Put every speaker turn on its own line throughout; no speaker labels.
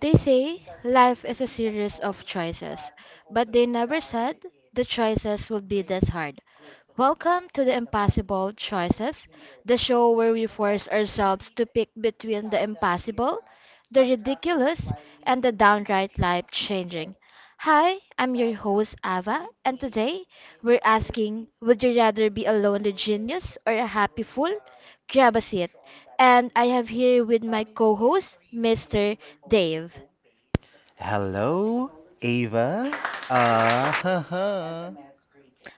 They say life is a series of choices, but they never said the choices would be this hard. Welcome to the Impossible Choices, the show where we force ourselves to pick between the impossible, the ridiculous, and the downright life changing. Hi, I'm your host Ava, and today we're asking would you rather be a lonely genius or a happy fool grab a seat. And I have here with my co host, Mr. Dave.
Hello, Ava. Huh.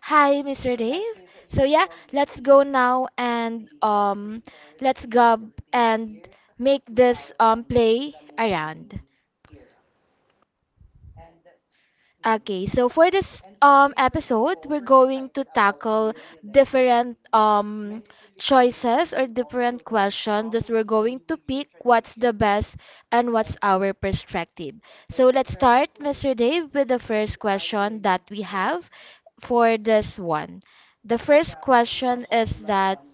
Hi, Mr. Dave. So yeah, let's go now and let's go and make this play around. Okay, so for this episode, we're going to tackle different choices or different questions that we're going to pick what's the best and what's our perspective. So let's start, Mr. Dave, with the first question that we have for this one. The first question is that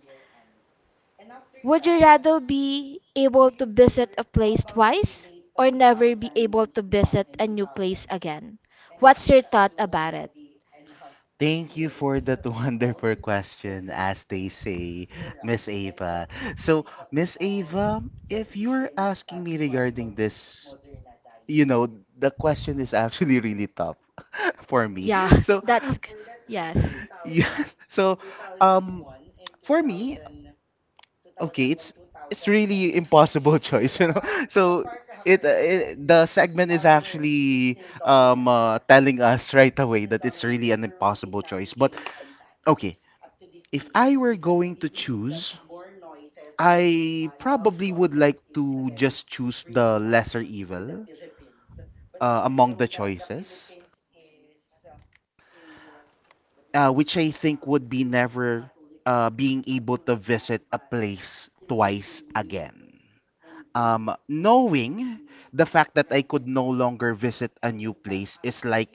would you rather be able to visit a place twice or never be able to visit a new place again? What's your thought about it?
Thank you for that wonderful question, as they say, Miss Ava. So, Miss Ava, if you're asking me regarding this, you know, the question is actually really tough for me.
Yeah,
So,
that's g- yes.
yeah, so um, for me, okay, it's really impossible choice, So it the segment is actually telling us right away that it's really an impossible choice. But okay, if I were going to choose, I probably would like to just choose the lesser evil among the choices, which I think would be never being able to visit a place twice again. Knowing the fact that I could no longer visit a new place is like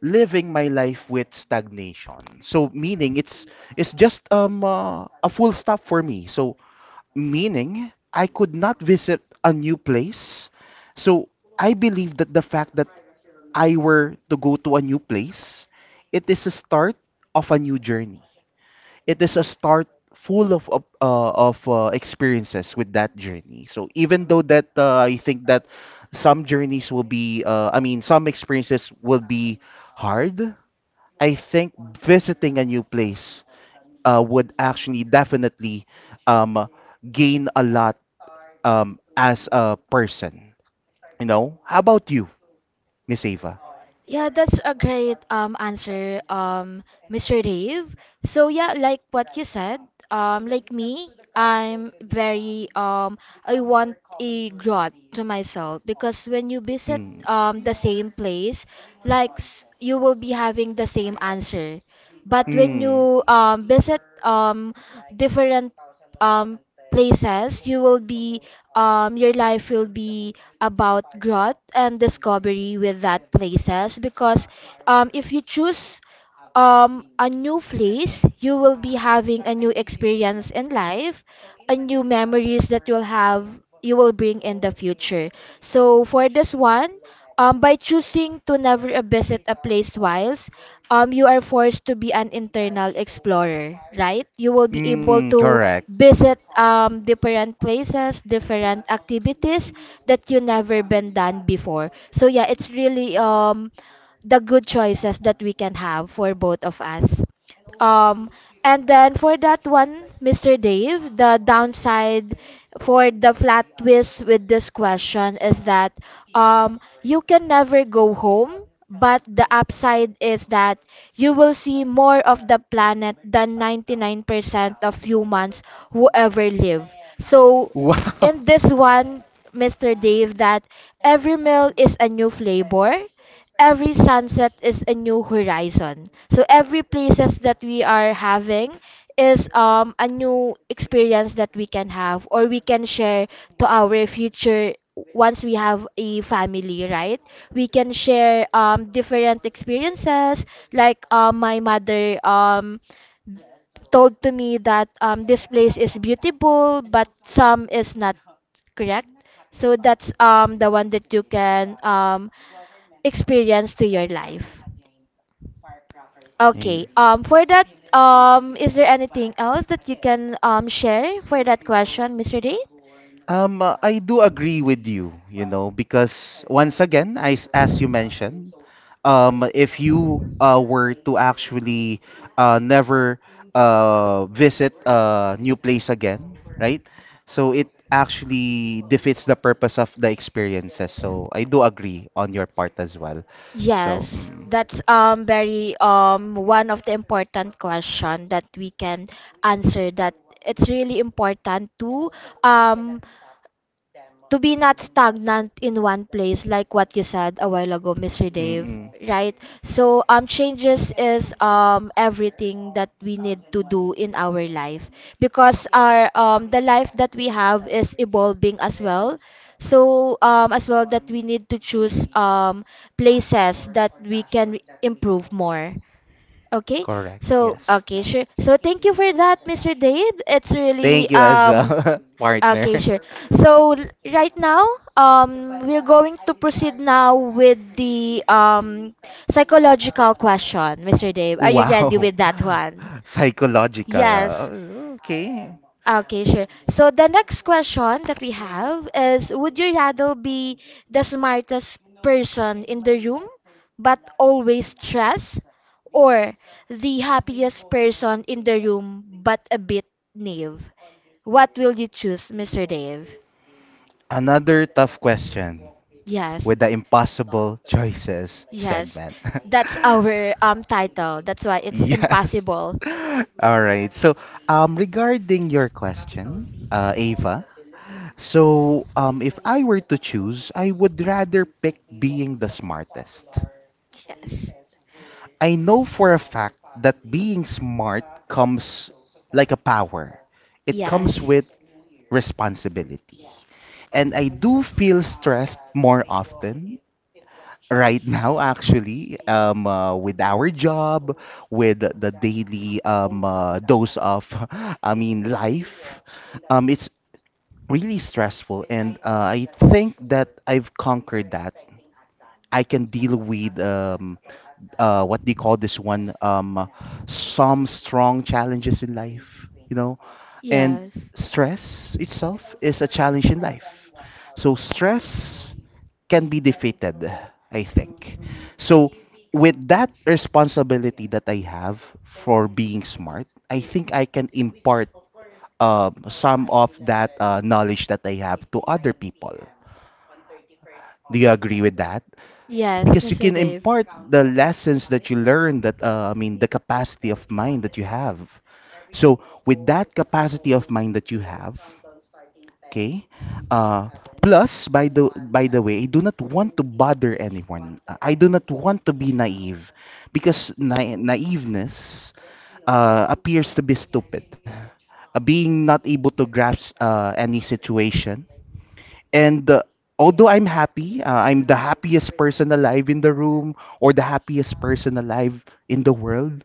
living my life with stagnation. So meaning it's just a full stop for me. So meaning I could not visit a new place. So I believe that the fact that I were to go to a new place, it is a start of a new journey, it is a start full of experiences with that journey. So even though that I think that some journeys will be, I mean, some experiences will be hard. I think visiting a new place would actually definitely um, gain a lot as a person. You know? How about you, Miss Ava?
Yeah, that's a great answer, Mr. Dave. So yeah, like what you said, like me, I'm very I want a growth to myself because when you visit
Mm.
the same place, you will be having the same answer, but when
Mm.
you visit different um places, you will be your life will be about growth and discovery with that places because if you choose a new place you will be having a new experience in life, a new memories that you'll have you will bring in the future. So for this one, by choosing to never visit a place twice, you are forced to be an internal explorer, right? You will be able
Mm.
to
Correct.
visit different places, different activities that you never been done before. So yeah, it's really the good choices that we can have for both of us. Um, and then for that one, Mr. Dave, the downside for the flat twist with this question is that you can never go home, but the upside is that you will see more of the planet than 99% of humans who ever live. So
Wow.
in this one, Mr. Dave, that every meal is a new flavor, every sunset is a new horizon. So every places that we are having is a new experience that we can have or we can share to our future once we have a family, right? We can share different experiences, like my mother told to me that this place is beautiful but some is not, correct? So that's the one that you can experience to your life.
Hey.
Okay. For that is there anything else that you can share for that question, Mr. Dave?
I do agree with you, you know, because once again, I s as you mentioned, if you were to actually never visit a new place again, right? So it actually defeats the purpose of the experiences. So I do agree on your part as well. So,
Yes,
mm,
that's very one of the important question that we can answer that. It's really important um to be not stagnant in one place like what you said a while ago, Mr. Dave,
mm-mm,
right? So changes is everything that we need to do in our life because our the life that we have is evolving as well. So as well that we need to choose places that we can improve more. Okay?
correct,
So,
yes.
okay, sure. So, thank you for that, Mr. Dave. It's really
Thank you as well, partner.
okay, sure. So right now, we're going to proceed now with the psychological question, Mr. Dave. Are you ready
Wow.
with that one?
Psychological.
Yes.
Okay.
Ah, okay, sure. So the next question that we have is would you rather be the smartest person in the room but always stressed, or the happiest person in the room but a bit naive? What will you choose, Mr. Dave?
Another tough question
Yes.
with the impossible choices
Yes.
segment.
That's our title. That's why it's
Yes.
impossible.
All right. So, regarding your question, Ava, so if I were to choose, I would rather pick being the smartest.
Yes.
I know for a fact that being smart comes like a power. It comes
Yes.
with responsibility. And I do feel stressed more often right now, actually, with our job, with the daily dose of, I mean, life. It's really stressful, and I think that I've conquered that. I can deal with what they call this one, some strong challenges in life, you know. And
Yes.
stress itself is a challenge in life, so stress can be defeated, I think. So, with that responsibility that I have for being smart, I think I can impart some of that knowledge that I have to other people. Do you agree with that?
Yes,
Because you
Mr.
can
Dave.
impart the lessons that you learn, that I mean, the capacity of mind that you have. So, with that capacity of mind that you have, okay. Uh, Plus, by the way, I do not want to bother anyone. I do not want to be naive, because naiveness appears to be stupid, being not able to grasp any situation. And although I'm happy, I'm the happiest person alive in the room, or the happiest person alive in the world.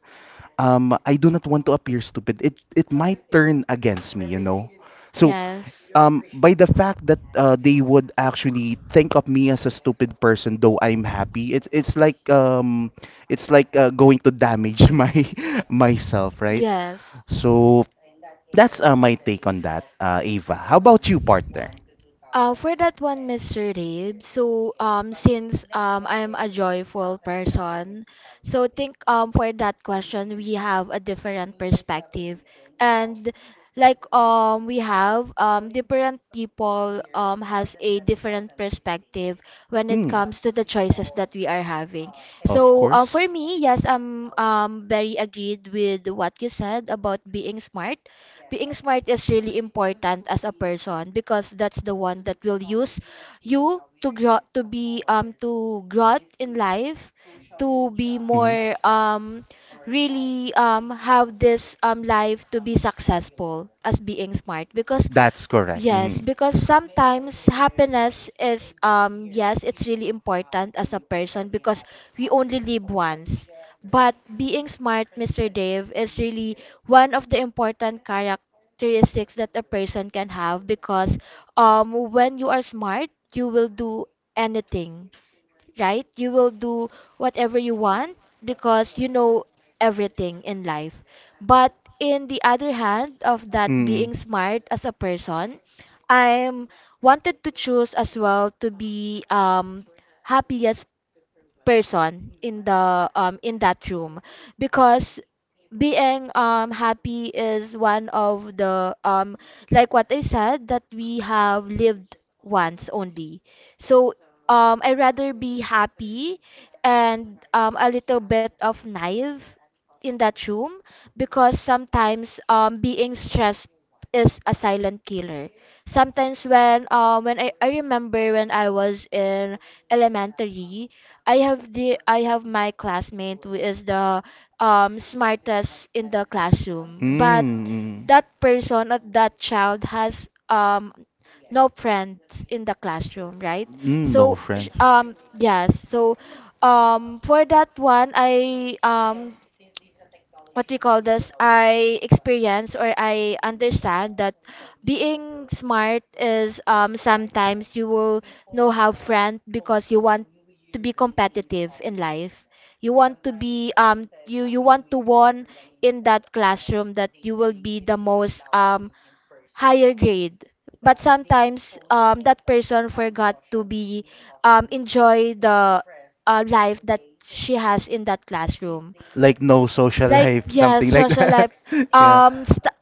I do not want to appear stupid. It might turn against me, you know. So
Yes.
by the fact that they would actually think of me as a stupid person, though I'm happy, it's like um, it's like going to damage my myself, right?
Yes.
So that's my take on that, Ava. How about you, partner?
For that one, Mr. Rabe, so since I'm a joyful person, so think for that question we have a different perspective, and like we have different people has a different perspective when it
Mm,
comes to the choices that we are having.
of
So
course.
for me, yes, I'm very agreed with what you said about being smart is really important as a person because that's the one that will use you to grow to be to grow in life, to be
Hmm.
more really have this life to be successful as being smart because
That's correct.
yes,
Hmm.
because sometimes happiness is yes, it's really important as a person because we only live once. But being smart, Mr. Dave, is really one of the important characteristics that a person can have because when you are smart, you will do anything, right? You will do whatever you want because you know everything in life. But in the other hand of that
Mm.
being smart as a person, I'm wanted to choose as well to be happy as person in the in that room because being happy is one of the like what I said that we have lived once only. So I rather be happy and a little bit of naive in that room because sometimes being stressed is a silent killer. Sometimes when I remember when I was in elementary, I have the I have my classmate who is the smartest in the classroom, but
Mm.
that person or that child has no friends in the classroom, right?
Mm. No
So sh-
friends.
um yes, so for that one I what we call this I experience or I understand that being smart is sometimes you will no have friend because you want to be competitive in life. You want to be you want to won in that classroom that you will be the most higher grade. But sometimes that person forgot to be enjoy the life that she has in that classroom,
Like no social
like
life,
yeah,
something like
social
that.
life.
Yeah.
um st-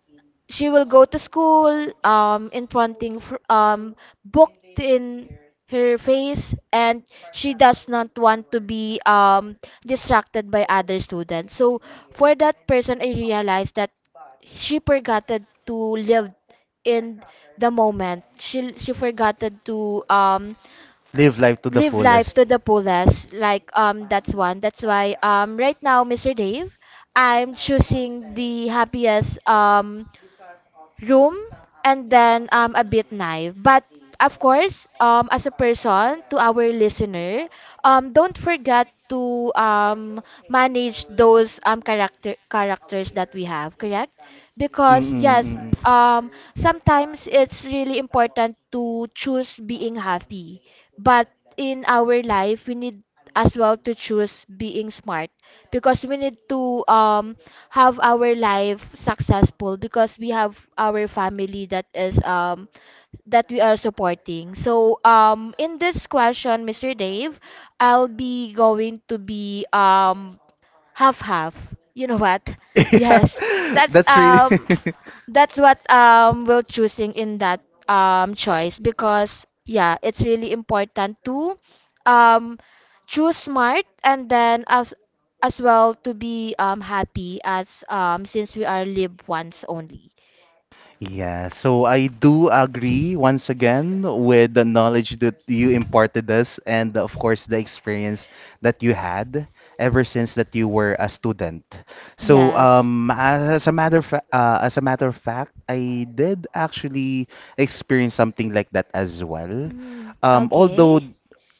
she will go to school um in fronting fr- um booked in her face, and she does not want to be distracted by other students. So for that person I realized that she forgot to live in the moment. She forgot to
Live life to the
live life
fullest.
to the fullest. Like that's one. That's why right now, Mr. Dave, I'm choosing the happiest room and then a bit naive. But of course, as a person to our listener, don't forget to manage those character characters that we have, correct? Because yes,
Mm-mm-mm.
um sometimes it's really important to choose being happy, but in our life, we need as well to choose being smart because we need to have our life successful because we have our family that is that we are supporting. So in this question, Mr. Dave, I'll be going to be half half. You know what? Yes. That's
That's really.
um that's what we're choosing in that choice because yeah, it's really important to um choose smart and then as well to be happy as since we are live once only.
Yeah, so I do agree once again with the knowledge that you imparted us, and of course the experience that you had ever since that you were a student. So
Yes.
as a matter of, as a matter of fact, I did actually experience something like that as well.
Mm,
Um, although
okay.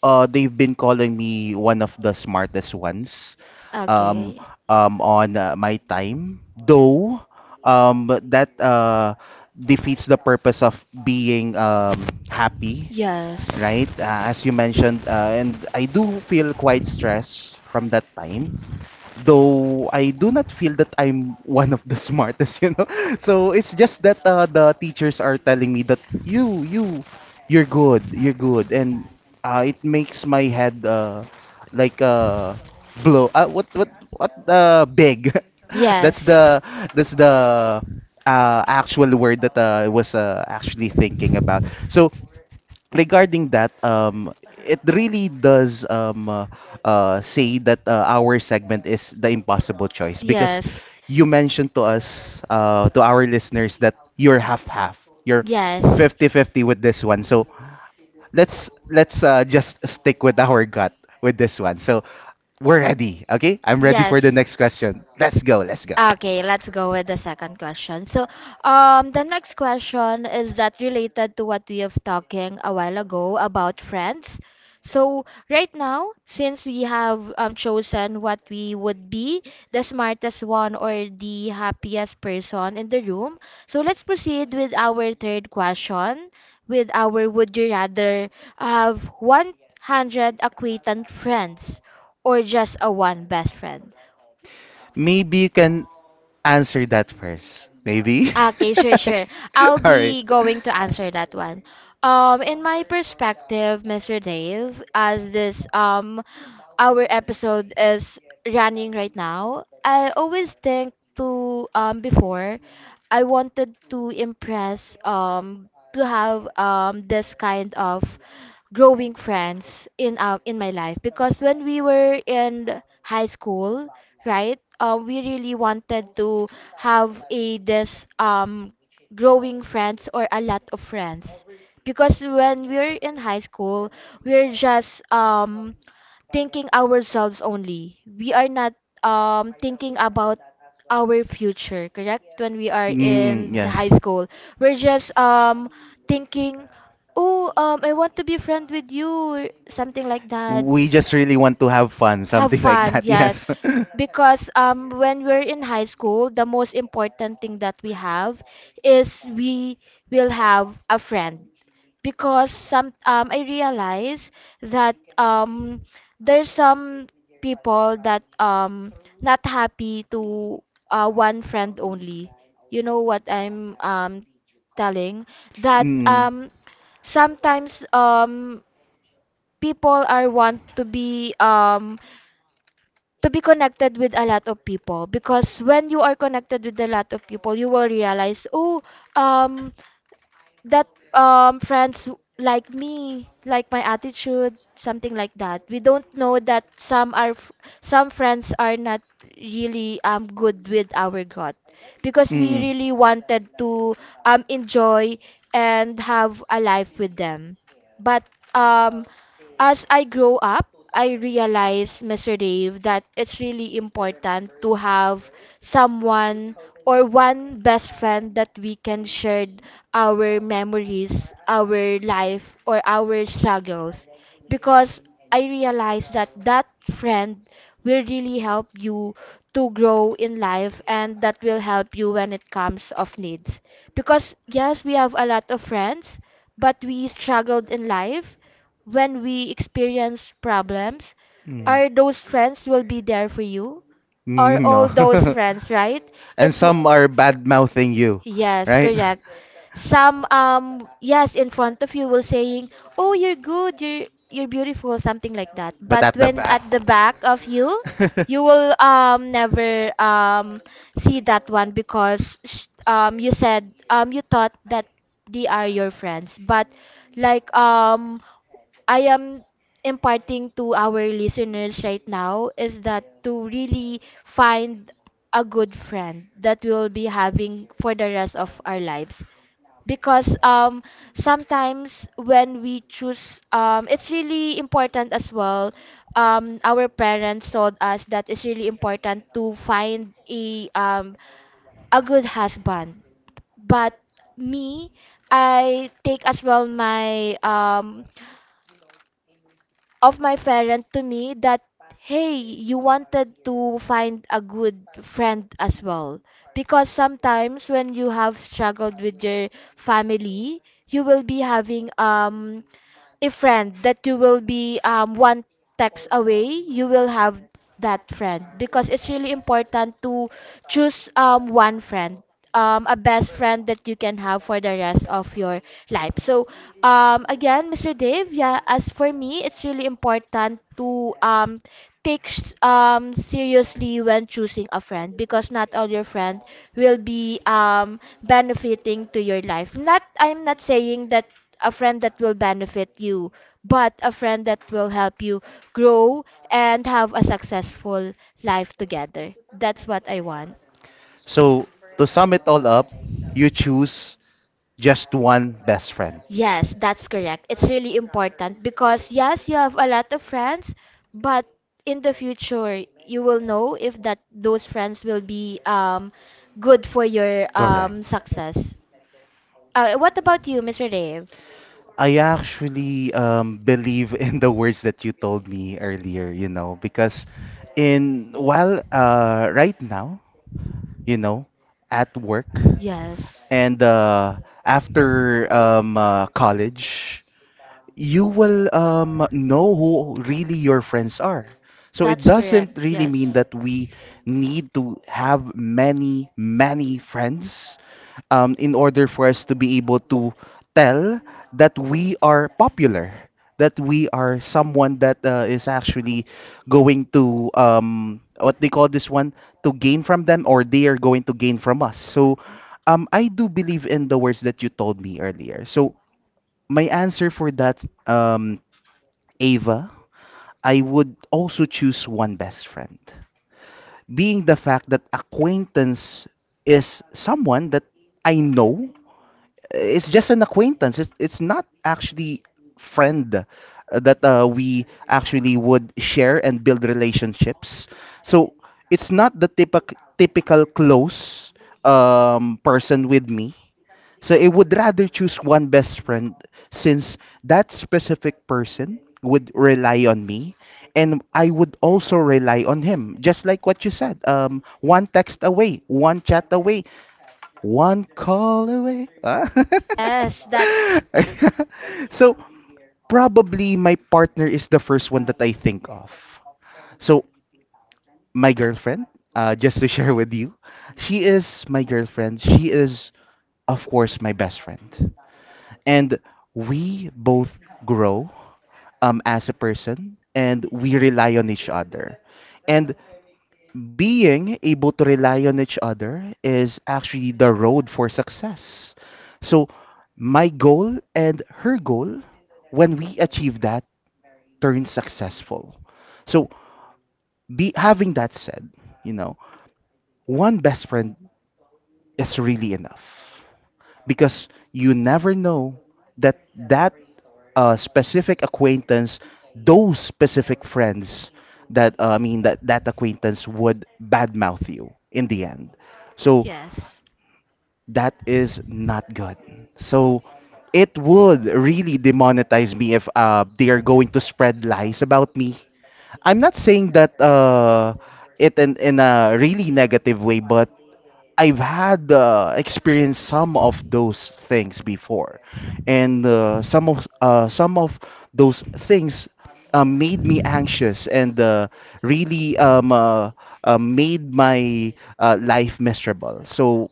they've been calling me one of the smartest ones, um
Okay.
on my time, though that defeats the purpose of being happy,
Yes.
right? As you mentioned, and I do feel quite stressed from that time, though I do not feel that I'm one of the smartest, you know. So it's just that the teachers are telling me that you, you, you're good, and it makes my head like blow. What, what? Big. that's
Yes.
the that's the actual word that I was actually thinking about. So regarding that, it really does say that our segment is the impossible choice, because
Yes.
you mentioned to us, to our listeners, that you're half half, you're
Yes.
fifty-fifty with this one. So let's just stick with our gut with this one. So we're ready, okay? I'm ready for
Yes.
the next question. Let's go, let's go.
Okay, let's go with the second question. So, the next question is that related to what we have talking a while ago about friends. So, right now, since we have chosen what we would be, the smartest one or the happiest person in the room, so let's proceed with our third question, with our would you rather have 100 acquaintance friends or just a one best friend?
Maybe you can answer that first. Maybe.
Okay, sure, sure. I'll
All right.
be going to answer that one. In my perspective, Mr. Dave, as this our episode is running right now, I always think to before I wanted to impress to have this kind of growing friends in my life because when we were in high school, right? We really wanted to have a this growing friends or a lot of friends because when we're in high school, we're just thinking ourselves only. We are not thinking about our future, correct? When we are
Mm,
in the high
yes.
school, we're just thinking, oh, I want to be friend with you, or something like that.
We just really want to have fun,
Have
something like
fun,
that.
yes,
Yes.
because when we're in high school, the most important thing that we have is we will have a friend. Because some I realize that there's some people that not happy to one friend only. You know what I'm telling that
Mm,
um sometimes people are want to be to be connected with a lot of people, because when you are connected with a lot of people you will realize, oh, um that friends like me, like my attitude, something like that. We don't know that some friends are not really good with our God because we
mm,
really wanted to enjoy and have a life with them. But um as I grow up, I realize, Mr. Dave, that it's really important to have someone or one best friend that we can share our memories, our life, or our struggles. Because I realized that friend will really help you to grow in life, and that will help you when it comes of needs. Because yes, we have a lot of friends, but we struggled in life. When we experience problems,
mm.
are those friends will be there for you, or
Mm,
all those
no.
friends, right?
And
It w-
some are bad mouthing you,
Yes,
right?
correct. Some, yes, in front of you will saying, "Oh, you're good. You're beautiful," something like that.
But
But
at the
when
back.
at the back of you, you will never see that one because you said you thought that they are your friends. But like I am imparting to our listeners right now is that to really find a good friend that we will be having for the rest of our lives, because sometimes when we choose it's really important as well our parents told us that it's really important to find a good husband, but me, I take as well my of my parent to me that, hey, you wanted to find a good friend as well, because sometimes when you have struggled with your family you will be having a friend that you will be one text away, you will have that friend because it's really important to choose one friend, a best friend that you can have for the rest of your life. So, again, Mr. Dave, yeah, as for me, it's really important to take seriously when choosing a friend, because not all your friend will be benefiting to your life. Not, I'm not saying that a friend that will benefit you, but a friend that will help you grow and have a successful life together. That's what I want.
So, to sum it all up, you choose just one best friend.
Yes, that's correct. It's really important because, yes, you have a lot of friends, but in the future, you will know if that those friends will be good for your
Correct.
success. What about you, Mr. Dave?
I actually believe in the words that you told me earlier, you know, because in while right now, you know, at work
Yes.
and after college, you will know who really your friends are. So it
That's correct.
doesn't really mean
Yes.
that we need to have many friends in order for us to be able to tell that we are popular, that we are someone that is actually going to what they call this one, to gain from them, or they are going to gain from us. So I do believe in the words that you told me earlier. So my answer for that, Ava, I would also choose one best friend, being the fact that acquaintance is someone that I know. It's just an acquaintance. It's not actually friend that we actually would share and build relationships. So it's not the typical close person with me. So I would rather choose one best friend, since that specific person would rely on me, and I would also rely on him. Just like what you said, one text away, one chat away, one call away. Ah.
Yes, that's
So probably my partner is the first one that I think of. So my girlfriend, just to share with you, she is my girlfriend. She is of course my best friend, and we both grow as a person, and we rely on each other. And being able to rely on each other is actually the road for success. So, my goal and her goal, when we achieve that, turns successful. So, be having that said, you know, one best friend is really enough, because you never know that that specific acquaintance, those specific friends that I mean that that acquaintance would badmouth you in the end. So
yes.
that is not good. So it would really demonetize me if they are going to spread lies about me. I'm not saying that it in a really negative way, but I've had experienced some of those things before, and some of those things made me anxious, and really made my life miserable. So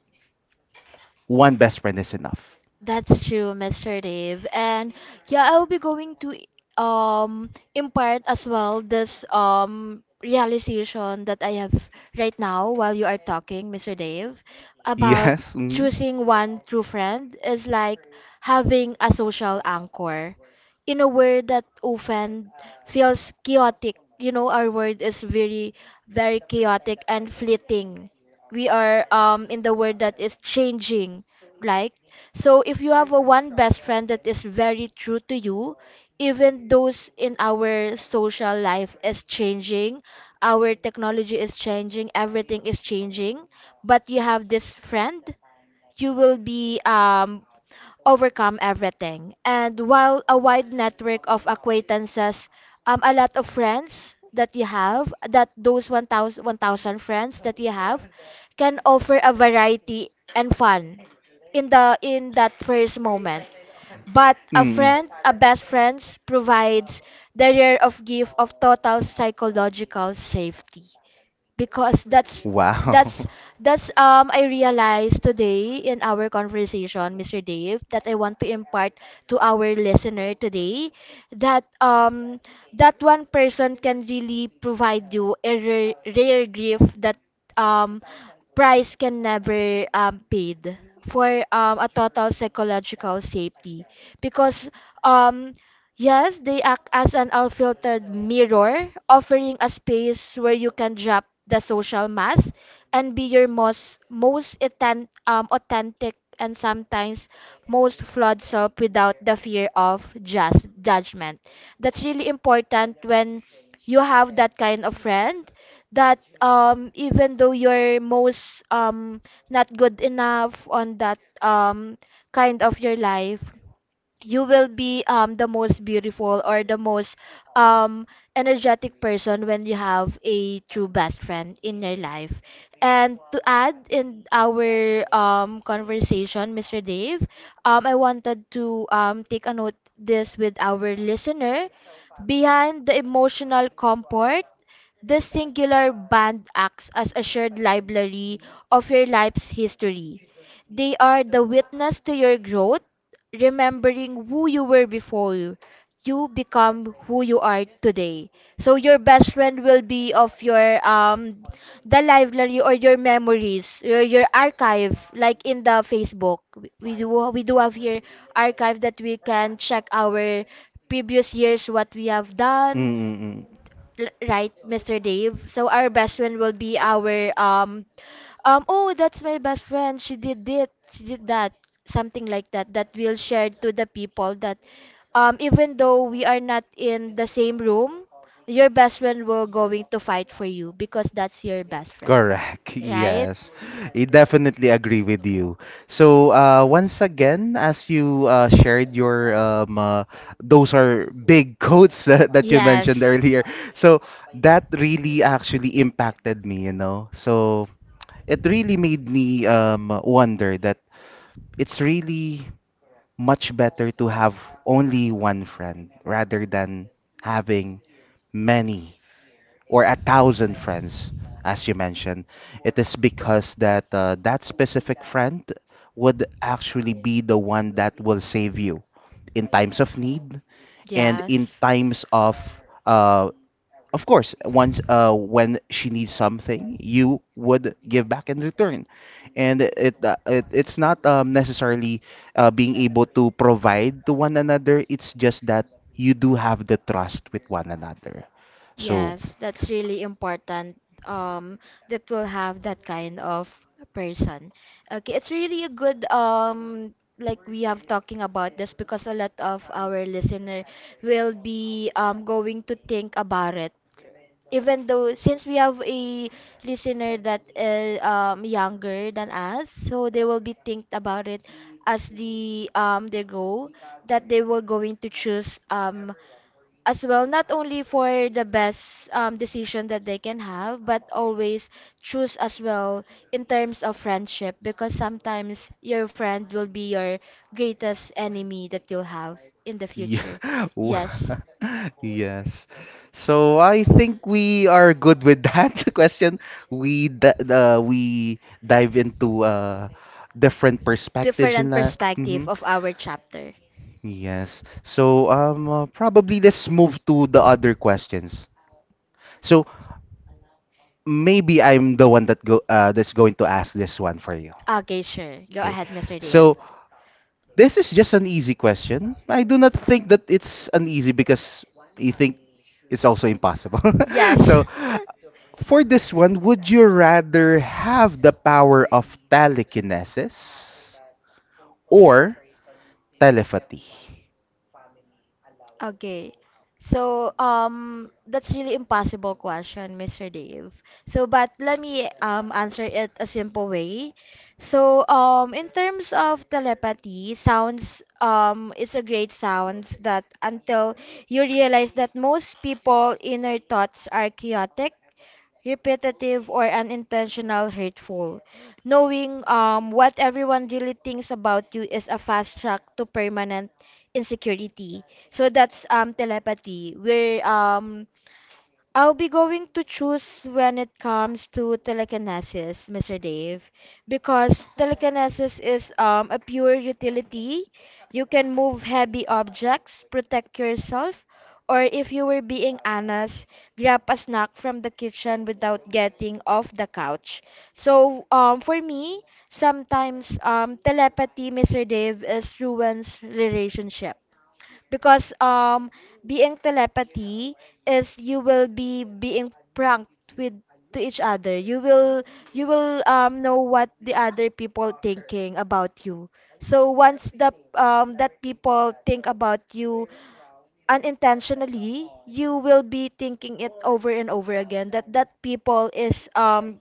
one best friend is enough.
That's true, Mr. Dave. And yeah, I'll be going to impart as well this realization that I have right now while you are talking, Mr. Dave, about
Yes. Mm,
choosing one true friend is like having a social anchor in a world that often feels chaotic. You know, our world is very, very chaotic and fleeting. We are in the world that is changing, like. So if you have a one best friend that is very true to you, even those in our social life is changing, our technology is changing, everything is changing, but you have this friend, you will be overcome everything. And while a wide network of acquaintances, a lot of friends that you have, that those 1,000, 1,000 friends that you have, can offer a variety and fun in the in that first moment. But a
mm.
friend, a best friend, provides the rare of gift of total psychological safety, because
Wow.
that's that's I realized today in our conversation, Mr. Dave, that I want to impart to our listener today that that one person can really provide you a rare, rare gift that um price can never paid for a total psychological safety, because um yes, they act as an unfiltered mirror, offering a space where you can drop the social mask and be your most authentic and sometimes most flawed self without the fear of just judgment. That's really important when you have that kind of friend that even though you're most not good enough on that kind of your life, you will be the most beautiful or the most um energetic person when you have a true best friend in your life. And to add in our conversation, Mr. Dave, I wanted to take a note this with our listener. Behind the emotional comfort, this singular band acts as a shared library of your life's history. They are the witness to your growth, remembering who you were before you become who you are today. So your best friend will be of your the library or your memories, your archive like in the Facebook. We do have here archive that we can check our previous years what we have done.
Mm-mm.
Right, Mr. Dave. So our best friend will be our oh, that's my best friend. She did it. She did that. Something like that that we'll share to the people that even though we are not in the same room, your best friend will going to fight for you, because that's your best friend.
Correct.
Right?
Yes. I definitely agree with you. So, once again, as you shared your those are big quotes that, you mentioned
Yes.
earlier. So that really actually impacted me, you know. So it really made me wonder that it's really much better to have only one friend rather than having many, or a thousand friends, as you mentioned. It is because that that specific friend would actually be the one that will save you in times of need and in
Yes.
times uh, of course, once when she needs something, you would give back in return, and it's not necessarily being able to provide to one another. It's just that you do have the trust with one another. So
Yes, that's really important. Um, that will have that kind of person. Okay, it's really a good like we have talking about this, because a lot of our listener will be going to think about it, even though since we have a listener that is younger than us, so they will be think about it as the they go that they were going to choose as well not only for the best decision that they can have, but always choose as well in terms of friendship, because sometimes your friend will be your greatest enemy that you'll have in the
yeah,
future.
w-
Yes,
yes. So I think we are good with that question. We dive into different perspectives in
different
that.
perspective of our chapter.
Yes. So, probably let's move to the other questions. So maybe I'm the one that go that's going to ask this one for you.
Okay, sure. Go
Okay.
ahead, Mr. Dave.
So this is just an easy question. I do not think that it's uneasy because you think it's also impossible.
Yes.
So for this one, would you rather have the power of telekinesis or telepathy?
Okay. So, that's really impossible question, Mr. Dave. So, but let me answer it a simple way. So, in terms of telepathy, sounds it's a great sounds, that until you realize that most people inner thoughts are chaotic, repetitive or unintentional hurtful. Knowing what everyone really thinks about you is a fast track to permanent insecurity. So that's telepathy, where I'll be going to choose when it comes to telekinesis, Mr. Dave, because telekinesis is a pure utility. You can move heavy objects, protect yourself, or if you were being honest, grab a snack from the kitchen without getting off the couch. So, for me, sometimes telepathy, Mr. Dave, is ruins relationship, because being telepathy is you will be being pranked with to each other, you will know what the other people thinking about you. So once the that people think about you unintentionally, you will be thinking it over and over again that people is um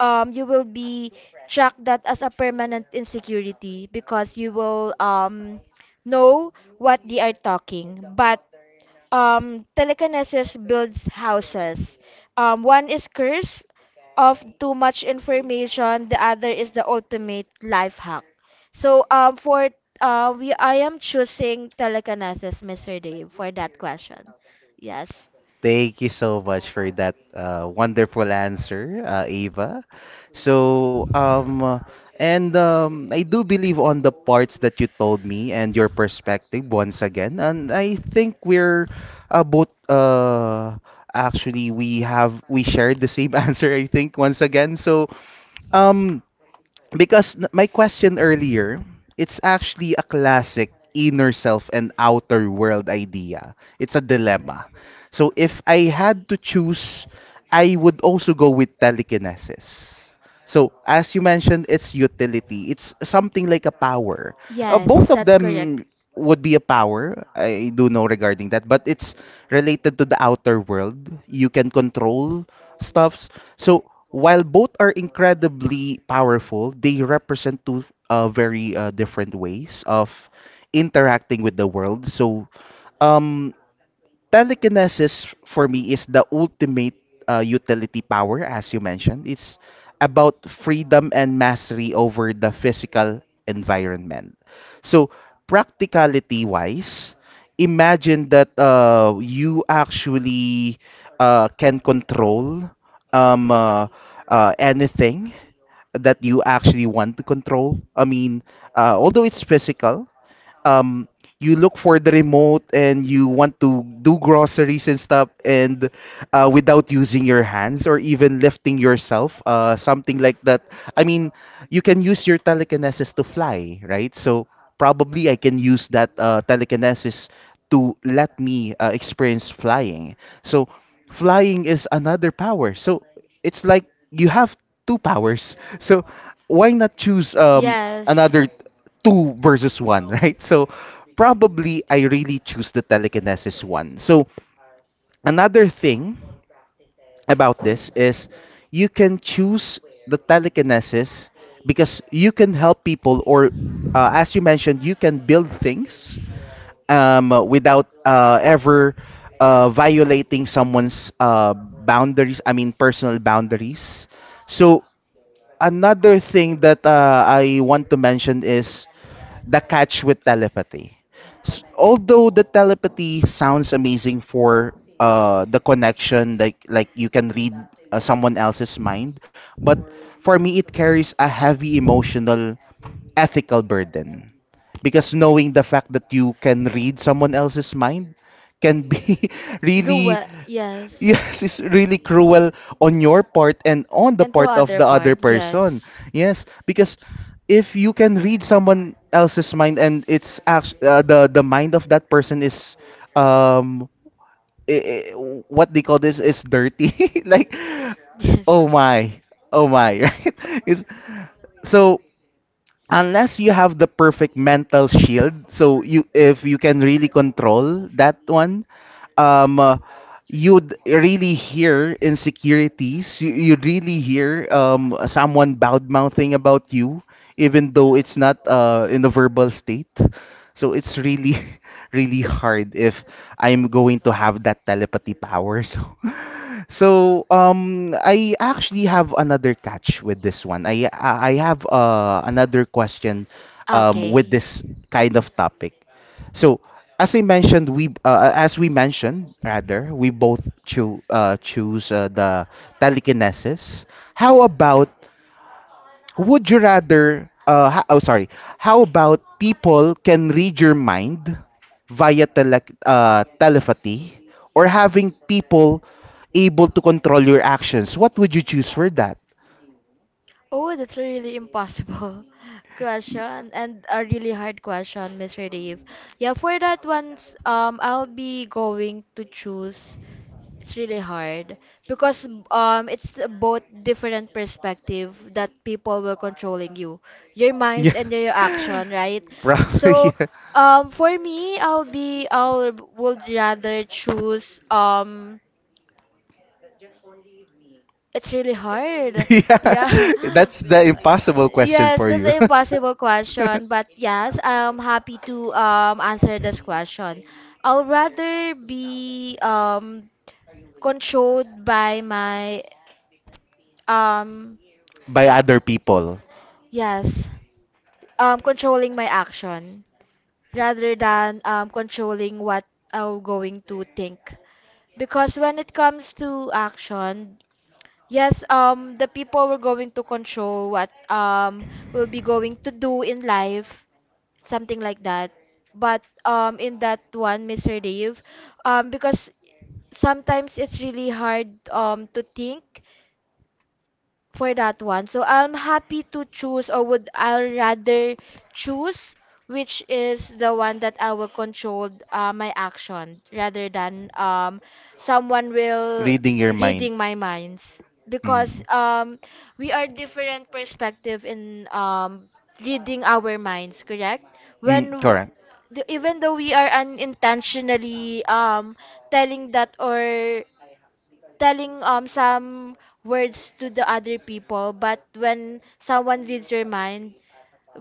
um you will be track that as a permanent insecurity, because you will know what they are talking. But telekinesis builds houses. One is curse of too much information, the other is the ultimate life hack. So for we I am choosing telekinesis, Mr. Dave, for that question. Yes.
Thank you so much for that wonderful answer, Ava. So, and I do believe on the parts that you told me and your perspective once again. And I think we're both actually we shared the same answer, I think, once again. So, um, because my question earlier, it's actually a classic inner self and outer world idea. It's a dilemma. So if I had to choose, I would also go with telekinesis. So as you mentioned, it's utility. It's something like a power.
Yes,
Both of
that's correct.
them would be a power. I do know regarding that, but it's related to the outer world. You can control stuffs. So while both are incredibly powerful, they represent two very different ways of interacting with the world. So um telekinesis for me is the ultimate utility power, as you mentioned. It's about freedom and mastery over the physical environment. So, practicality wise, imagine that you actually can control um, uh, anything that you actually want to control. I mean, although it's physical, um you look for the remote and you want to do groceries and stuff and without using your hands or even lifting yourself something like that. I mean, you can use your telekinesis to fly, right? So probably I can use that telekinesis to let me experience flying. So flying is another power, so it's like you have two powers. So why not choose
Yes.
another two versus one, right? So probably I really choose the telekinesis one. So another thing about this is you can choose the telekinesis because you can help people, or as you mentioned, you can build things without ever violating someone's boundaries. I mean, personal boundaries. So another thing that I want to mention is the catch with telepathy. Although the telepathy sounds amazing for the connection, like you can read someone else's mind, but for me it carries a heavy emotional, ethical burden because knowing the fact that you can read someone else's mind can be really...
Ruel, yes.
Yes, it's really cruel on your part and on the
And to
part of
other
the other
part,
person.
yes.
Yes, because if you can read someone else's mind and it's act the mind of that person is um i i- what they call this is dirty. Like,
Yes.
oh my, oh my, right? Is so unless you have the perfect mental shield, so you, if you can really control that one, um uh, you'd really hear insecurities, you'd really hear someone bad mouthing about you, even though it's not in a verbal state. So it's really really hard if I'm going to have that telepathy power. So so I actually have another catch with this one. I have another question with
Okay.
this kind of topic. So as I mentioned, we as we mentioned rather, we both choose the telekinesis. How about... would you rather, oh, sorry, how about people can read your mind via telepathy, or having people able to control your actions? What would you choose for that?
Oh, that's a really impossible
Y-
question and a really hard question, Mr. Dave. Yeah, for that one, I'll be going to choose. It's really hard because it's both different perspective that people were controlling you, your
Yeah.
mind and your action, right? So
Probably. Yeah.
for me, I'll be I'll would rather choose it's really hard.
Yeah,
Yeah.
that's the impossible question
Yes,
for
that's
you.
an impossible question, but yes, I'm happy to answer this question. I'll rather be controlled by my. Um,
By other people.
yes. Controlling my action rather than controlling what I'm going to think. Because when it comes to action, yes, the people were going to control what will be going to do in life, something like that. But in that one, Mr. Dave, because sometimes it's really hard to think for that one. So I'm happy to choose, or would I rather choose, which is the one that I will control my action rather than someone will
Reading your mind.
reading my minds, because
Mm.
we are different perspective in reading our minds, correct?
Mm,
When
correct.
the, even though we are unintentionally telling that or telling some words to the other people, but when someone reads your mind,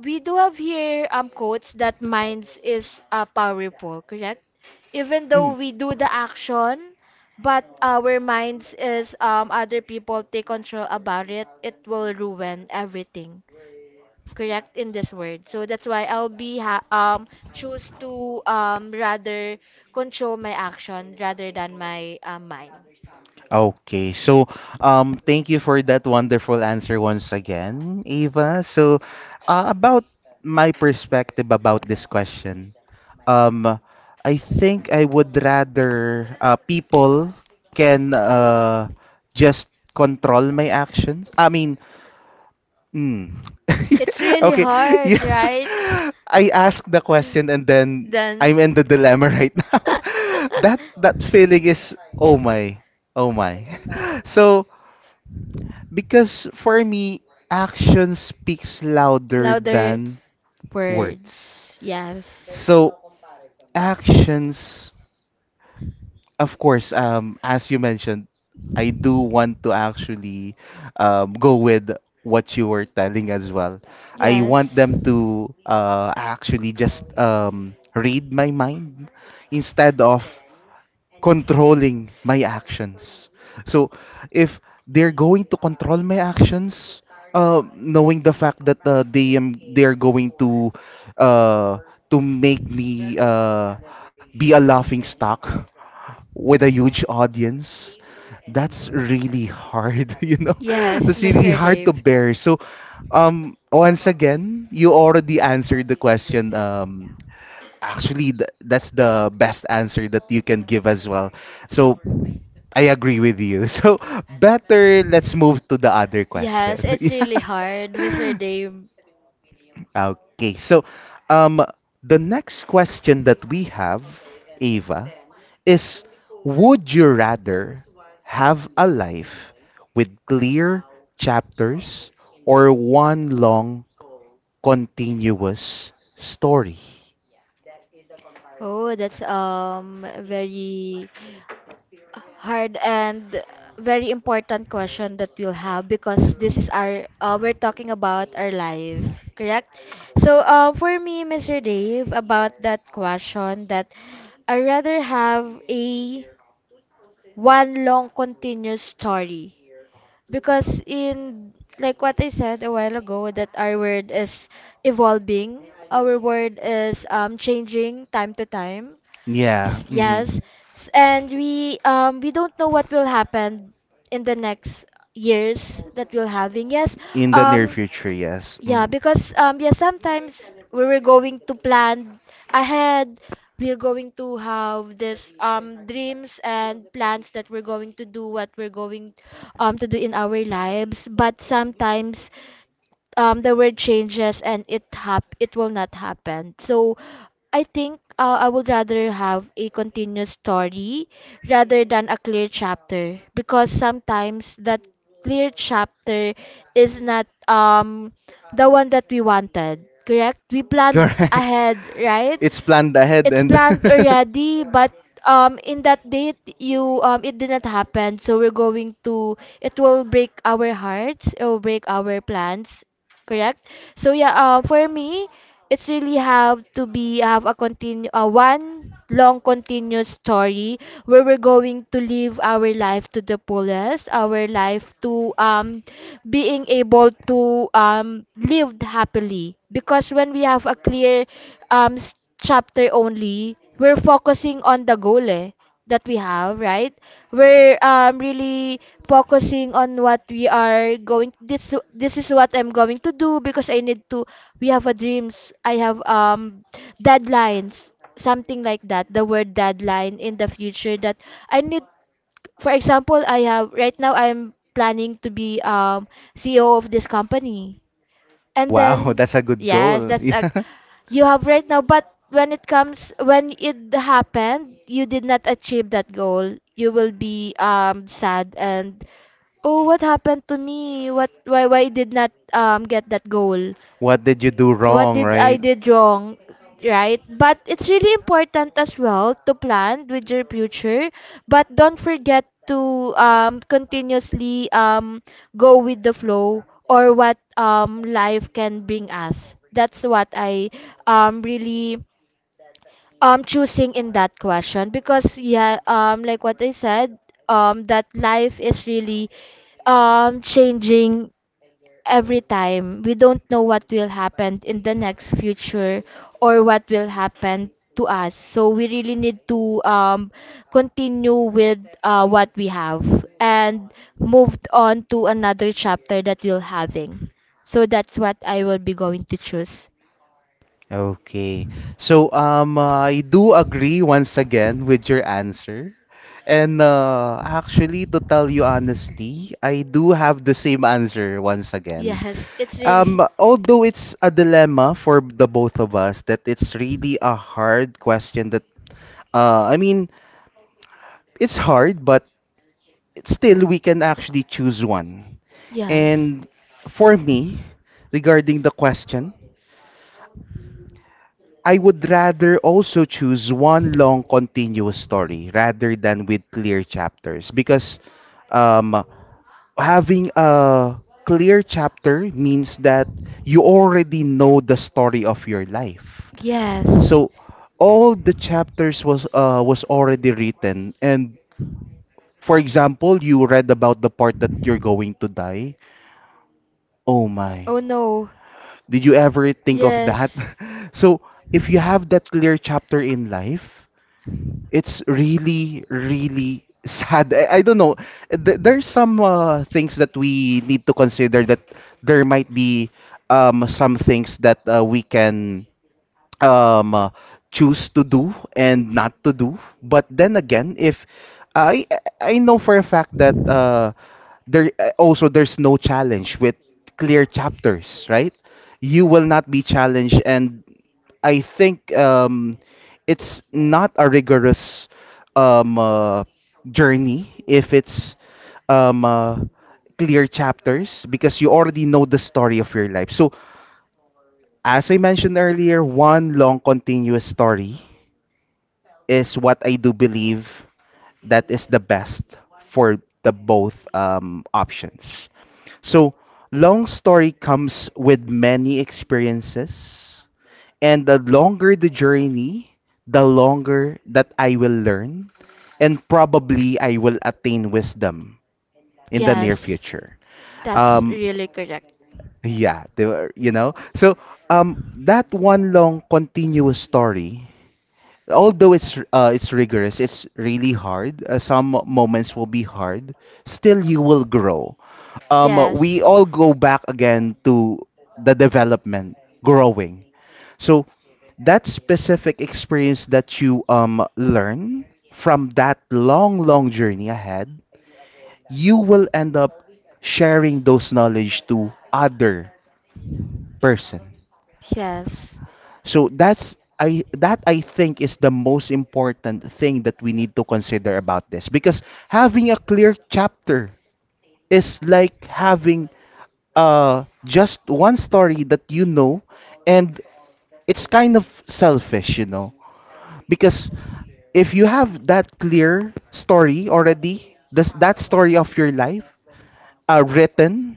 we do have here quotes that minds is powerful, correct? Even
Mm.
though we do the action, but our minds is other people take control about it, it will ruin everything. Correct in this word. So that's why I'll be choose to rather control my action rather than my mind.
Okay, so thank you for that wonderful answer once again, Eva. So, about my perspective about this question, um, I think I would rather people can just control my actions. I mean, mm.
It's really
Okay.
hard,
Yeah.
right?
I asked the question and then
Then.
I'm in the dilemma right now. That that feeling is oh my. Oh my. So, because for me, action speaks louder
Louder
than
words.
words.
Yes.
So, actions... Of course, as you mentioned, I do want to actually go with what you were telling as well. I want
Yes.
them to actually just read my mind instead of controlling my actions. So if they're going to control my actions, knowing the fact that they're going uh, to make me be a laughing stock with a huge audience, that's really hard, you know?
Yes,
That's really
Mr.
hard to
Dave.
bear. So, once again, you already answered the question. Actually, th that's the best answer that you can give as well. So, I agree with you. So, better let's move to the other
Yes,
question.
it's really hard, Mr.
Yeah.
Dave.
Okay. So, um, the next question that we have, Ava, is would you rather have a life with clear chapters or one long continuous story?
Oh, that's very hard and very important question that we'll have because this is our we're talking about our life, correct? So, for me, Mr. Dave, about that question, that I rather have a one long continuous story because in like what I said a while ago that our world is evolving, our world is changing time to time.
Yeah, mhm.
Yes. And we don't know what will happen in the next years that we'll having. Yes.
In the near
Um
future, yes.
yeah,
Mm.
because yeah, sometimes we were going to plan ahead. We're going to have this dreams and plans that we're going to do what we're going to do in our lives. But sometimes the world changes and it will not happen. So I think I would rather have a continuous story rather than a clear chapter because sometimes that clear chapter is not the one that we wanted. Correct? We planned
Correct.
ahead, right?
It's planned ahead,
It's
and
planned already, but in that date you it didn't happen. So we're going to it will break our hearts, it will break our plans, correct? So yeah, for me, it's really have to be have a continue one long continuous story where we're going to live our life to the fullest, our life to being able to live happily because when we have a clear um s- chapter only, we're focusing on the goal eh, that we have, right? We're really focusing on what we are going. This is what I'm going to do because I need to. We have a dreams. I have deadlines, something like that. The word deadline in the future that I need. For example, I have right now. I'm planning to be CEO of this company, and
wow,
then
that's a good
yes,
goal.
that's a
Yeah.
you have right now, but when it comes, when it happened, you did not achieve that goal, you will be sad and oh, what happened to me, what, why did not get that goal?
What did you do
What
wrong,
did I
right?
did wrong, right? But it's really important as well to plan with your future, but don't forget to continuously go with the flow or what life can bring us. That's what I really choosing in that question. Because yeah, like what I said, that life is really changing every time. We don't know what will happen in the next future or what will happen to us, so we really need to continue with what we have and moved on to another chapter that we'll having. So that's what I will be going to choose.
Okay. So I do agree once again with your answer. And actually, to tell you honestly, I do have the same answer once again.
Yes, it's really.
Although it's a dilemma for the both of us, that it's really a hard question that I mean, it's hard but still we can actually choose one.
Yes.
And for me, regarding the question, I would rather also choose one long continuous story rather than with clear chapters, because um, having a clear chapter means that you already know the story of your life.
Yes.
So all the chapters was already written, and for example, you read about the part that you're going to die. Oh my.
Oh no.
Did you ever think of that?
Yes.
So if you have that clear chapter in life, it's really, really sad. I don't know. There's some things that we need to consider, that there might be some things that we can um uh, choose to do and not to do, but then again, if i I know for a fact that there also there's no challenge with clear chapters, right? You will not be challenged, and I think it's not a rigorous um uh, journey if it's um uh, clear chapters, because you already know the story of your life. So as I mentioned earlier, one long continuous story is what I do believe that is the best for the both options. So, long story comes with many experiences, and the longer the journey, the longer that I will learn, and probably I will attain wisdom in the near
Yes.
future.
That's
Um,
really correct.
yeah, they were, you know. So, that one long continuous story, although it's rigorous, it's really hard. Some moments will be hard. Still, you will grow. We
Yes.
all go back again to the development, growing. So that specific experience that you learn from that long, long journey ahead, you will end up sharing those knowledge to other person.
Yes.
So that's I that I think is the most important thing that we need to consider about this, because having a clear chapter is like having just one story that you know, and it's kind of selfish, you know, because if you have that clear story already, this that story of your life written,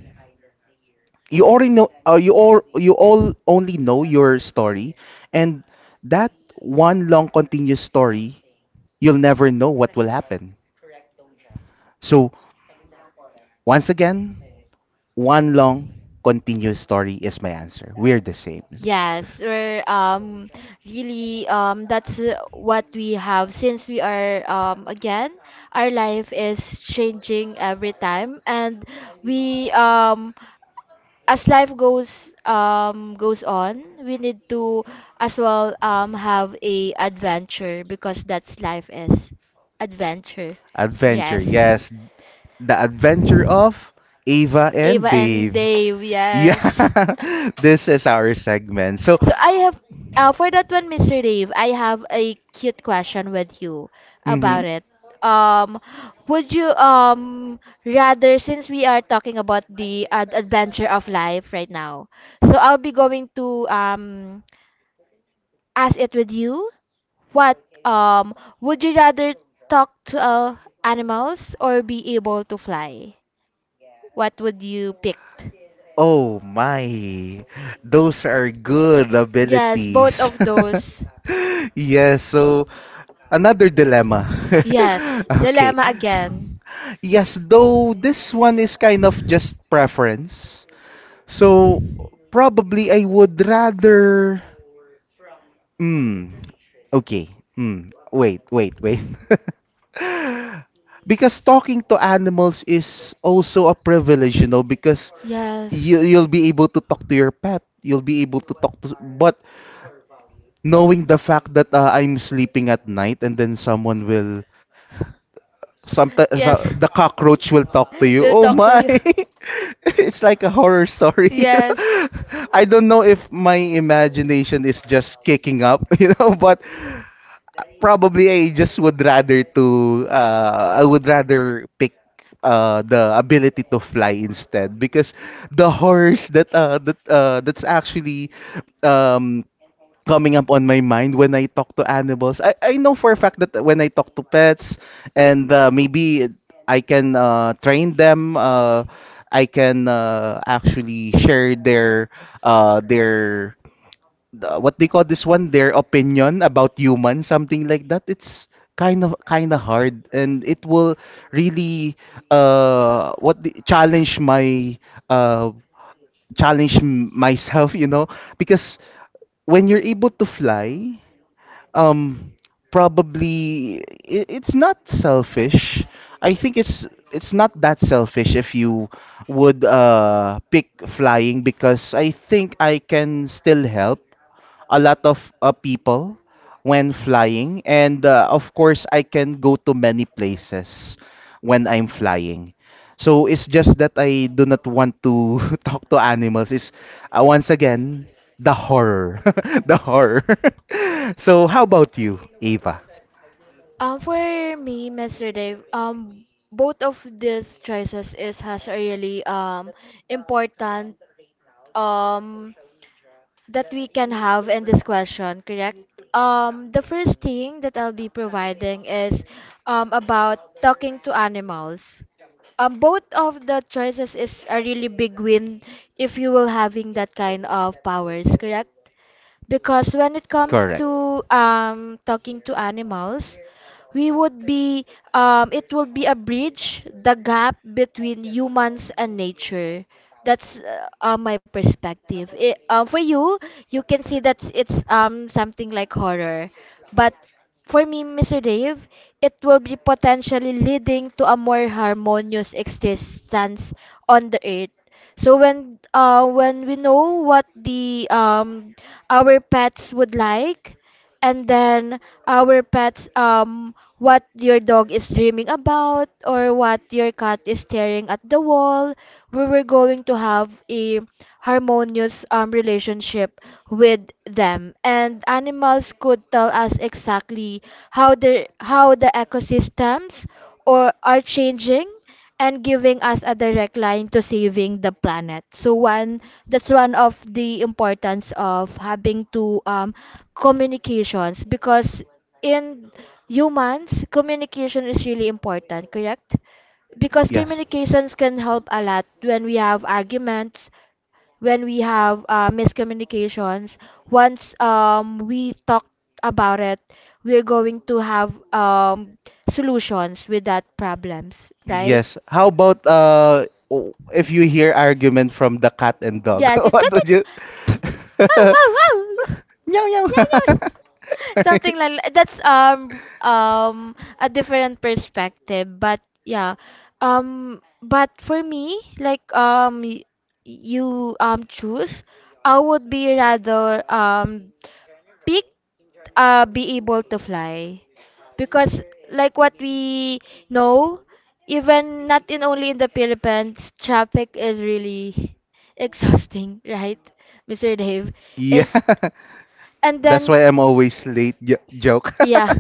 you already know you all only know your story. And that one long continuous story, you'll never know what will happen. So once again, one long continuous story is my answer. We're the same.
Yes, we're really that's what we have since we are again, our life is changing every time, and we as life goes on, we need to as well have a adventure because that's life is adventure.
Adventure,
Yes.
yes. The adventure of Ava
Ava
and
and
Dave.
Dave, yes.
Yeah. This is our segment. So
So I have for that one, Mr. Dave, I have a cute question with you
mhm.
about it. Um, would you rather, since we are talking about the ad adventure of life right now, so I'll be going to ask it with you. What would you rather talk to animals or be able to fly? What would you pick?
Oh my, those are good
Yes, both
abilities.
of those.
Yes, so another dilemma.
Yes,
Okay.
dilemma again.
Yes, though this one is kind of just preference. So probably I would rather... hmm. Okay. Hmm. Wait, wait, wait. Because talking to animals is also a privilege, you know, because
Yes.
you'll be able to talk to your pet, you'll be able to talk to... but knowing the fact that I'm sleeping at night and then someone will... sometimes
Yes,
the cockroach will talk to you.
we'll
Oh
talk to
my.
you.
It's like a horror story.
Yes.
I don't know if my imagination is just kicking up, you know, but probably I just would rather to I would rather pick the ability to fly instead, because the horse that that's actually um, coming up on my mind when I talk to animals. I know for a fact that when I talk to pets, and maybe I can train them. I can actually share their what they call this one, their opinion about humans, something like that. It's kind of hard, and it will really challenge my uh myself, you know, because when you're able to fly, um, probably it's not selfish. I think it's not that selfish if you would pick flying because I think I can still help a lot of people when flying, and of course, I can go to many places when I'm flying. So it's just that I do not want to talk to animals. Is once again the horror, the horror. So how about you, Eva?
For me, Mr. Dave, both of these choices is has a really important um that we can have in this question, correct? The first thing that I'll be providing is about talking to animals. Both of the choices is a really big win if you will having that kind of powers, correct? Because when it comes
Correct.
to talking to animals, we would be it will be a bridge, the gap between humans and nature. That's my perspective. For you, you can see that it's something like horror, but for me, Mr. Dave, it will be potentially leading to a more harmonious existence on the earth. So when we know what the our pets would like, and then our pets what your dog is dreaming about or what your cat is staring at the wall, we were going to have a harmonious relationship with them. And animals could tell us exactly how the ecosystems or are changing and giving us a direct line to saving the planet. So one that's one of the importance of having two communications because in humans, communication is really important, correct? Because
Yes.
communications can help a lot when we have arguments, when we have miscommunications. Once we talk about it, we're going to have solutions with that problems, right?
Yes. How about if you hear argument from the cat and dog?
Yes, it's
What
not that.
would you
Oh, oh, oh!
meow meow.
No, something like that's a different perspective, but yeah. But for me, like you choose, I would be rather picked be able to fly. Because like what we know, even not in only in the Philippines, traffic is really exhausting, right? Mr. Dave,
Yeah,
is and
that's
then
why I'm always late. Joke.
yeah,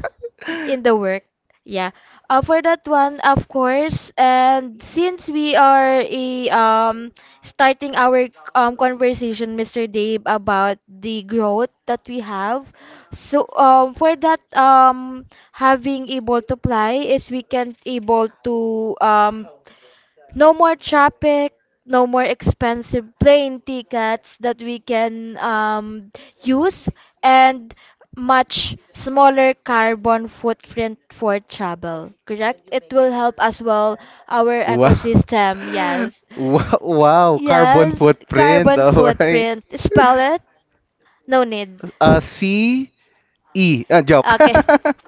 in the work, yeah, for that one, of course, and since we are a, starting our conversation, Mr. Dave, about the growth that we have, so for that, having able to multiply is we can able to no more traffic, no more expensive plane tickets that we can use, and much smaller carbon footprint for travel. Correct? It will help as well our
Wow.
ecosystem. Yes.
Wow, wow, carbon
Yes.
footprint.
Carbon
All right.
footprint. Spell it? No need.
C E. Joke.
Okay.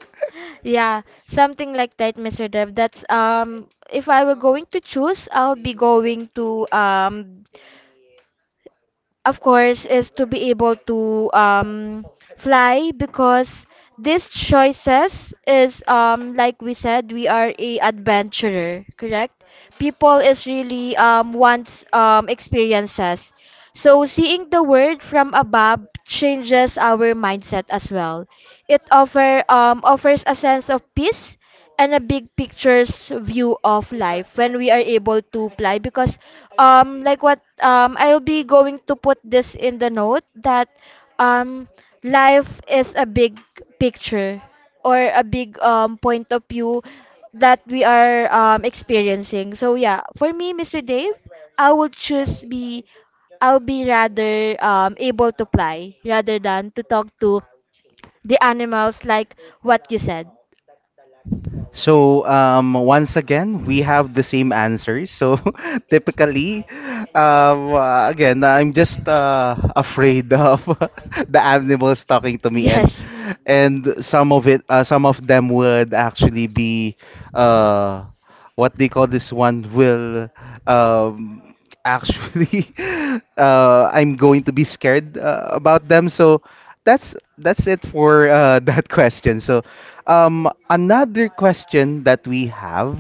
Yeah, something like that, Mr. Dev. That's if I were going to choose, I'll be going to of course, is to be able to fly because these choices is like we said, we are a adventurer, correct? People is really wants experiences. So seeing the world from above changes our mindset as well. It offers a sense of peace and a big picture's view of life when we are able to fly. Because like what I'll be going to put this in the note that um life is a big picture or a big point of view that we are experiencing. So yeah, for me, Mr. Dave, I would choose be I'll be rather able to fly rather than to talk to the animals like what you said.
So once again, we have the same answers. So typically, again, I'm just afraid of the animals talking to me,
Yes.
and some of it, some of them would actually be uh, what they call this one will um, actually I'm going to be scared about them. So that's it for that question. So another question that we have,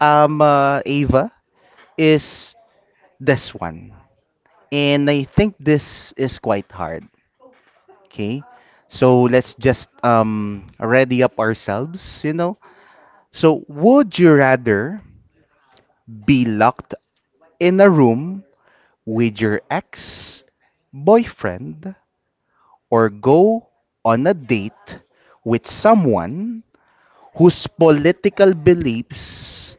Ava, is this one. And I think this is quite hard. Okay. So let's just ready up ourselves, you know. So, would you rather be locked in a room with your ex boyfriend or go on a date with someone whose political beliefs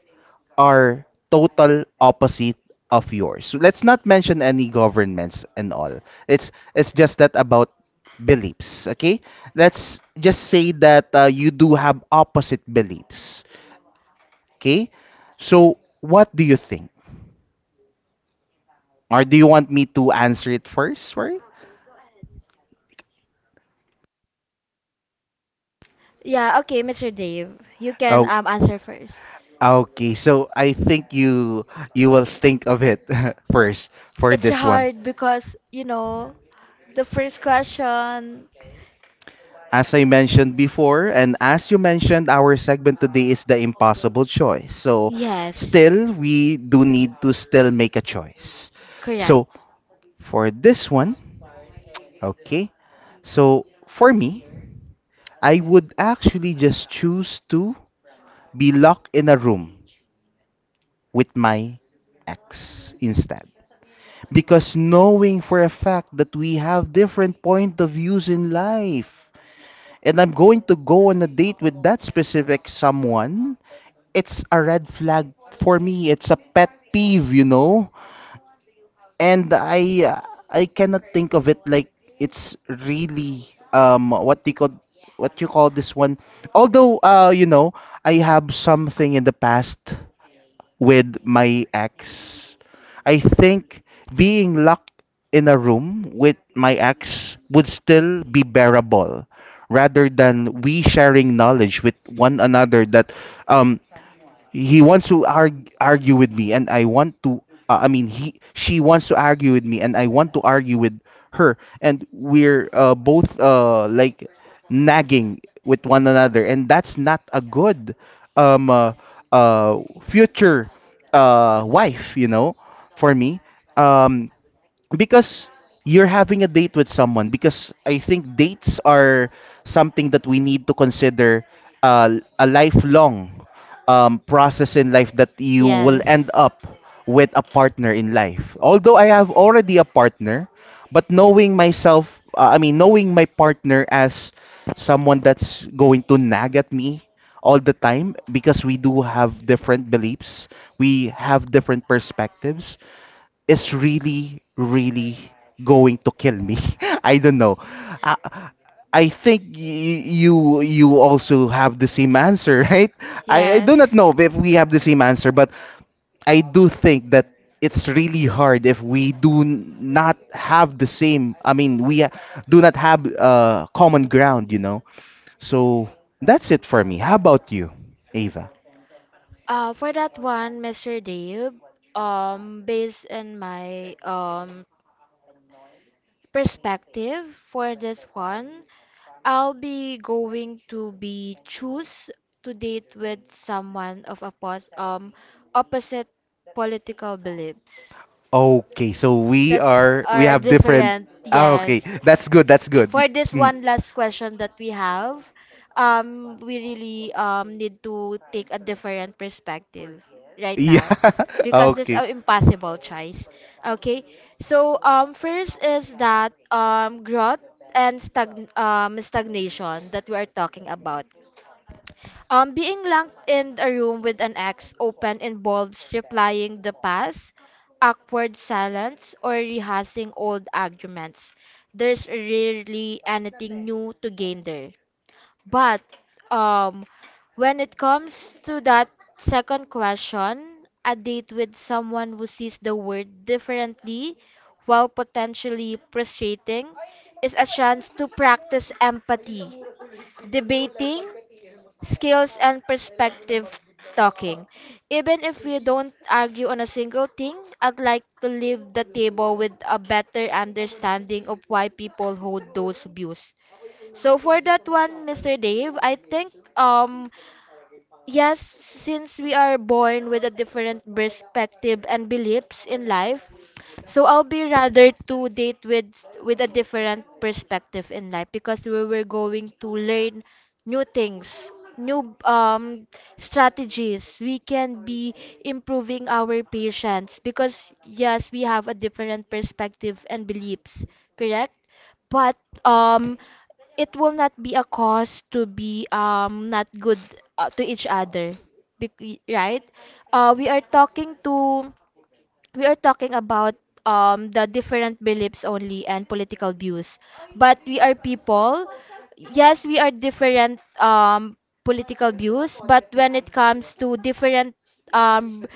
are total opposite of yours. So let's not mention any governments and all. It's just that about beliefs, okay? Let's just say that you do have opposite beliefs, okay? So what do you think? Or do you want me to answer it first, right?
Yeah, okay, Mr. Dave, you can
Oh,
answer first.
okay. So I think you will think of it first for
It's
this one.
hard because, you know, the first question.
As I mentioned before, and as you mentioned, our segment today is the impossible choice. So,
Yes,
still, we do need to still make a choice.
correct.
So, for this one, okay, so for me, I would actually just choose to be locked in a room with my ex instead. Because knowing for a fact that we have different point of views in life, and I'm going to go on a date with that specific someone it's a red flag for me. It's a pet peeve, you know. And I cannot think of it like it's really um what they call what you call this one. Although you know I have something in the past with my ex. I think being locked in a room with my ex would still be bearable rather than we sharing knowledge with one another that um he wants to argue with me and I want to he she wants to argue with me and I want to argue with her and we're both like nagging with one another and that's not a good um uh, uh future wife, you know, for me, um because you're having a date with someone because I think dates are something that we need to consider uh, a lifelong process in life that you will end
Yes,
up with a partner in life, although I have already a partner but knowing myself knowing my partner as someone that's going to nag at me all the time because we do have different beliefs, we have different perspectives is really, really going to kill me. I don't know. I, I think you also have the same answer, right? I
yes.
do not know if we have the same answer, but I do think that it's really hard if we do not have the same. I mean, we do not have common ground, you know. So that's it for me. How about you, Ava?
For that one, Mr. Dave, based on my perspective for this one, I'll be going to be choose to date with someone of opposite political beliefs.
Okay, so we
That's
are we
are
have different.
different,
Ah, okay,
yes,
that's good. That's good.
for this
Mm.
one last question that we have, we really need to take a different perspective right now
Yeah.
because this is
Okay.
an impossible choice. Okay, so first is that growth and stagnation that we are talking about. Being locked in a room with an ex open involves replying the past, awkward silence, or rehearsing old arguments. There's rarely anything new to gain there. But um, when it comes to that second question, a date with someone who sees the world differently, while potentially frustrating, is a chance to practice empathy debating skills, and perspective talking. Even if we don't argue on a single thing, I'd like to leave the table with a better understanding of why people hold those views. So for that one, Mr. Dave, I think yes, since we are born with a different perspective and beliefs in life, so I'll be rather to date with a different perspective in life because we were going to learn new things, new strategies. We can be improving our patience because yes, we have a different perspective and beliefs, correct? But um it will not be a cause to be not good to each other. Right, uh, we are talking to we are talking about the different beliefs only and political views, but we are people. Yes, we are different political views, but when it comes to different um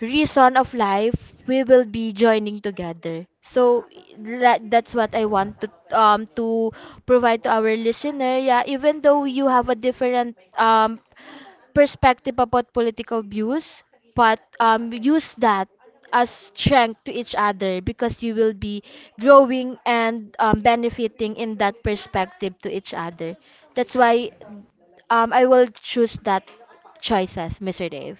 reason of life, we will be joining together. So that, that's what I want to provide to our listener. Yeah, even though you have a different perspective about political views, but use that as strength to each other because you will be growing and benefiting in that perspective to each other. That's why I will choose that choices, Mr. Dave.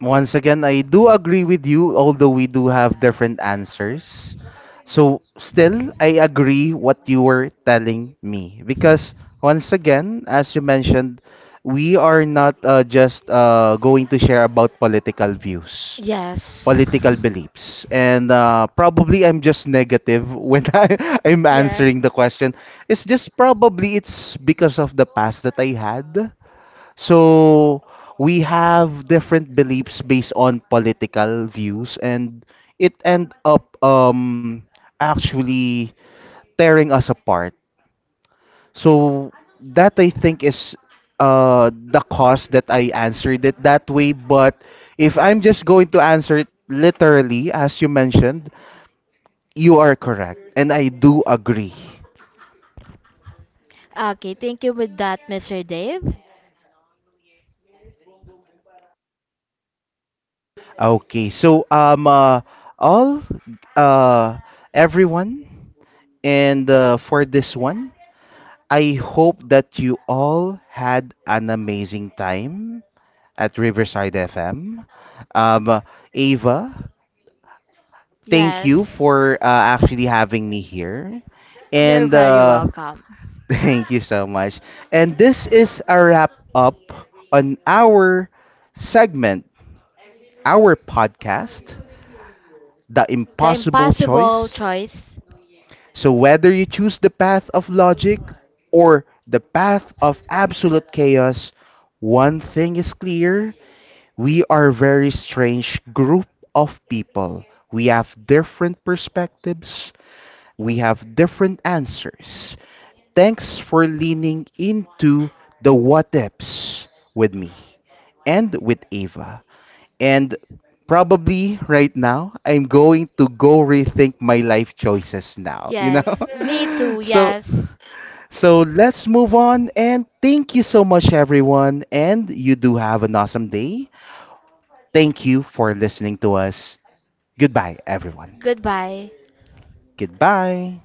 Once again, I do agree with you, although we do have different answers. So, still, I agree what you were telling me. Because, once again, as you mentioned, we are not just going to share about political views,
Yes.
political beliefs. And probably I'm just negative when I'm
Yeah.
answering the question. It's just probably it's because of the past that I had. So we have different beliefs based on political views, and it end up actually tearing us apart. So that I think is the cause that I answered it that way. But if I'm just going to answer it literally, as you mentioned, you are correct, and I do agree.
Okay, thank you with that, Mr. Dave.
Okay, so all uh, everyone, and for this one, I hope that you all had an amazing time at Riverside FM. Um, uh, Ava, thank you
Yes,
for actually having me here,
you're
and
very welcome.
thank you so much. And this is a wrap up on our segment, our podcast, the
The
impossible
Impossible
choice.
Choice.
So, whether you choose the path of logic or the path of absolute chaos, one thing is clear: we are a very strange group of people. We have different perspectives, we have different answers. Thanks for leaning into the what ifs with me and with Ava. And probably right now, I'm going to go rethink my life choices now, you
Yes, me
know?
too,
So,
yes.
so let's move on and thank you so much, everyone. And you do have an awesome day. Thank you for listening to us. Goodbye, everyone.
Goodbye.
Goodbye.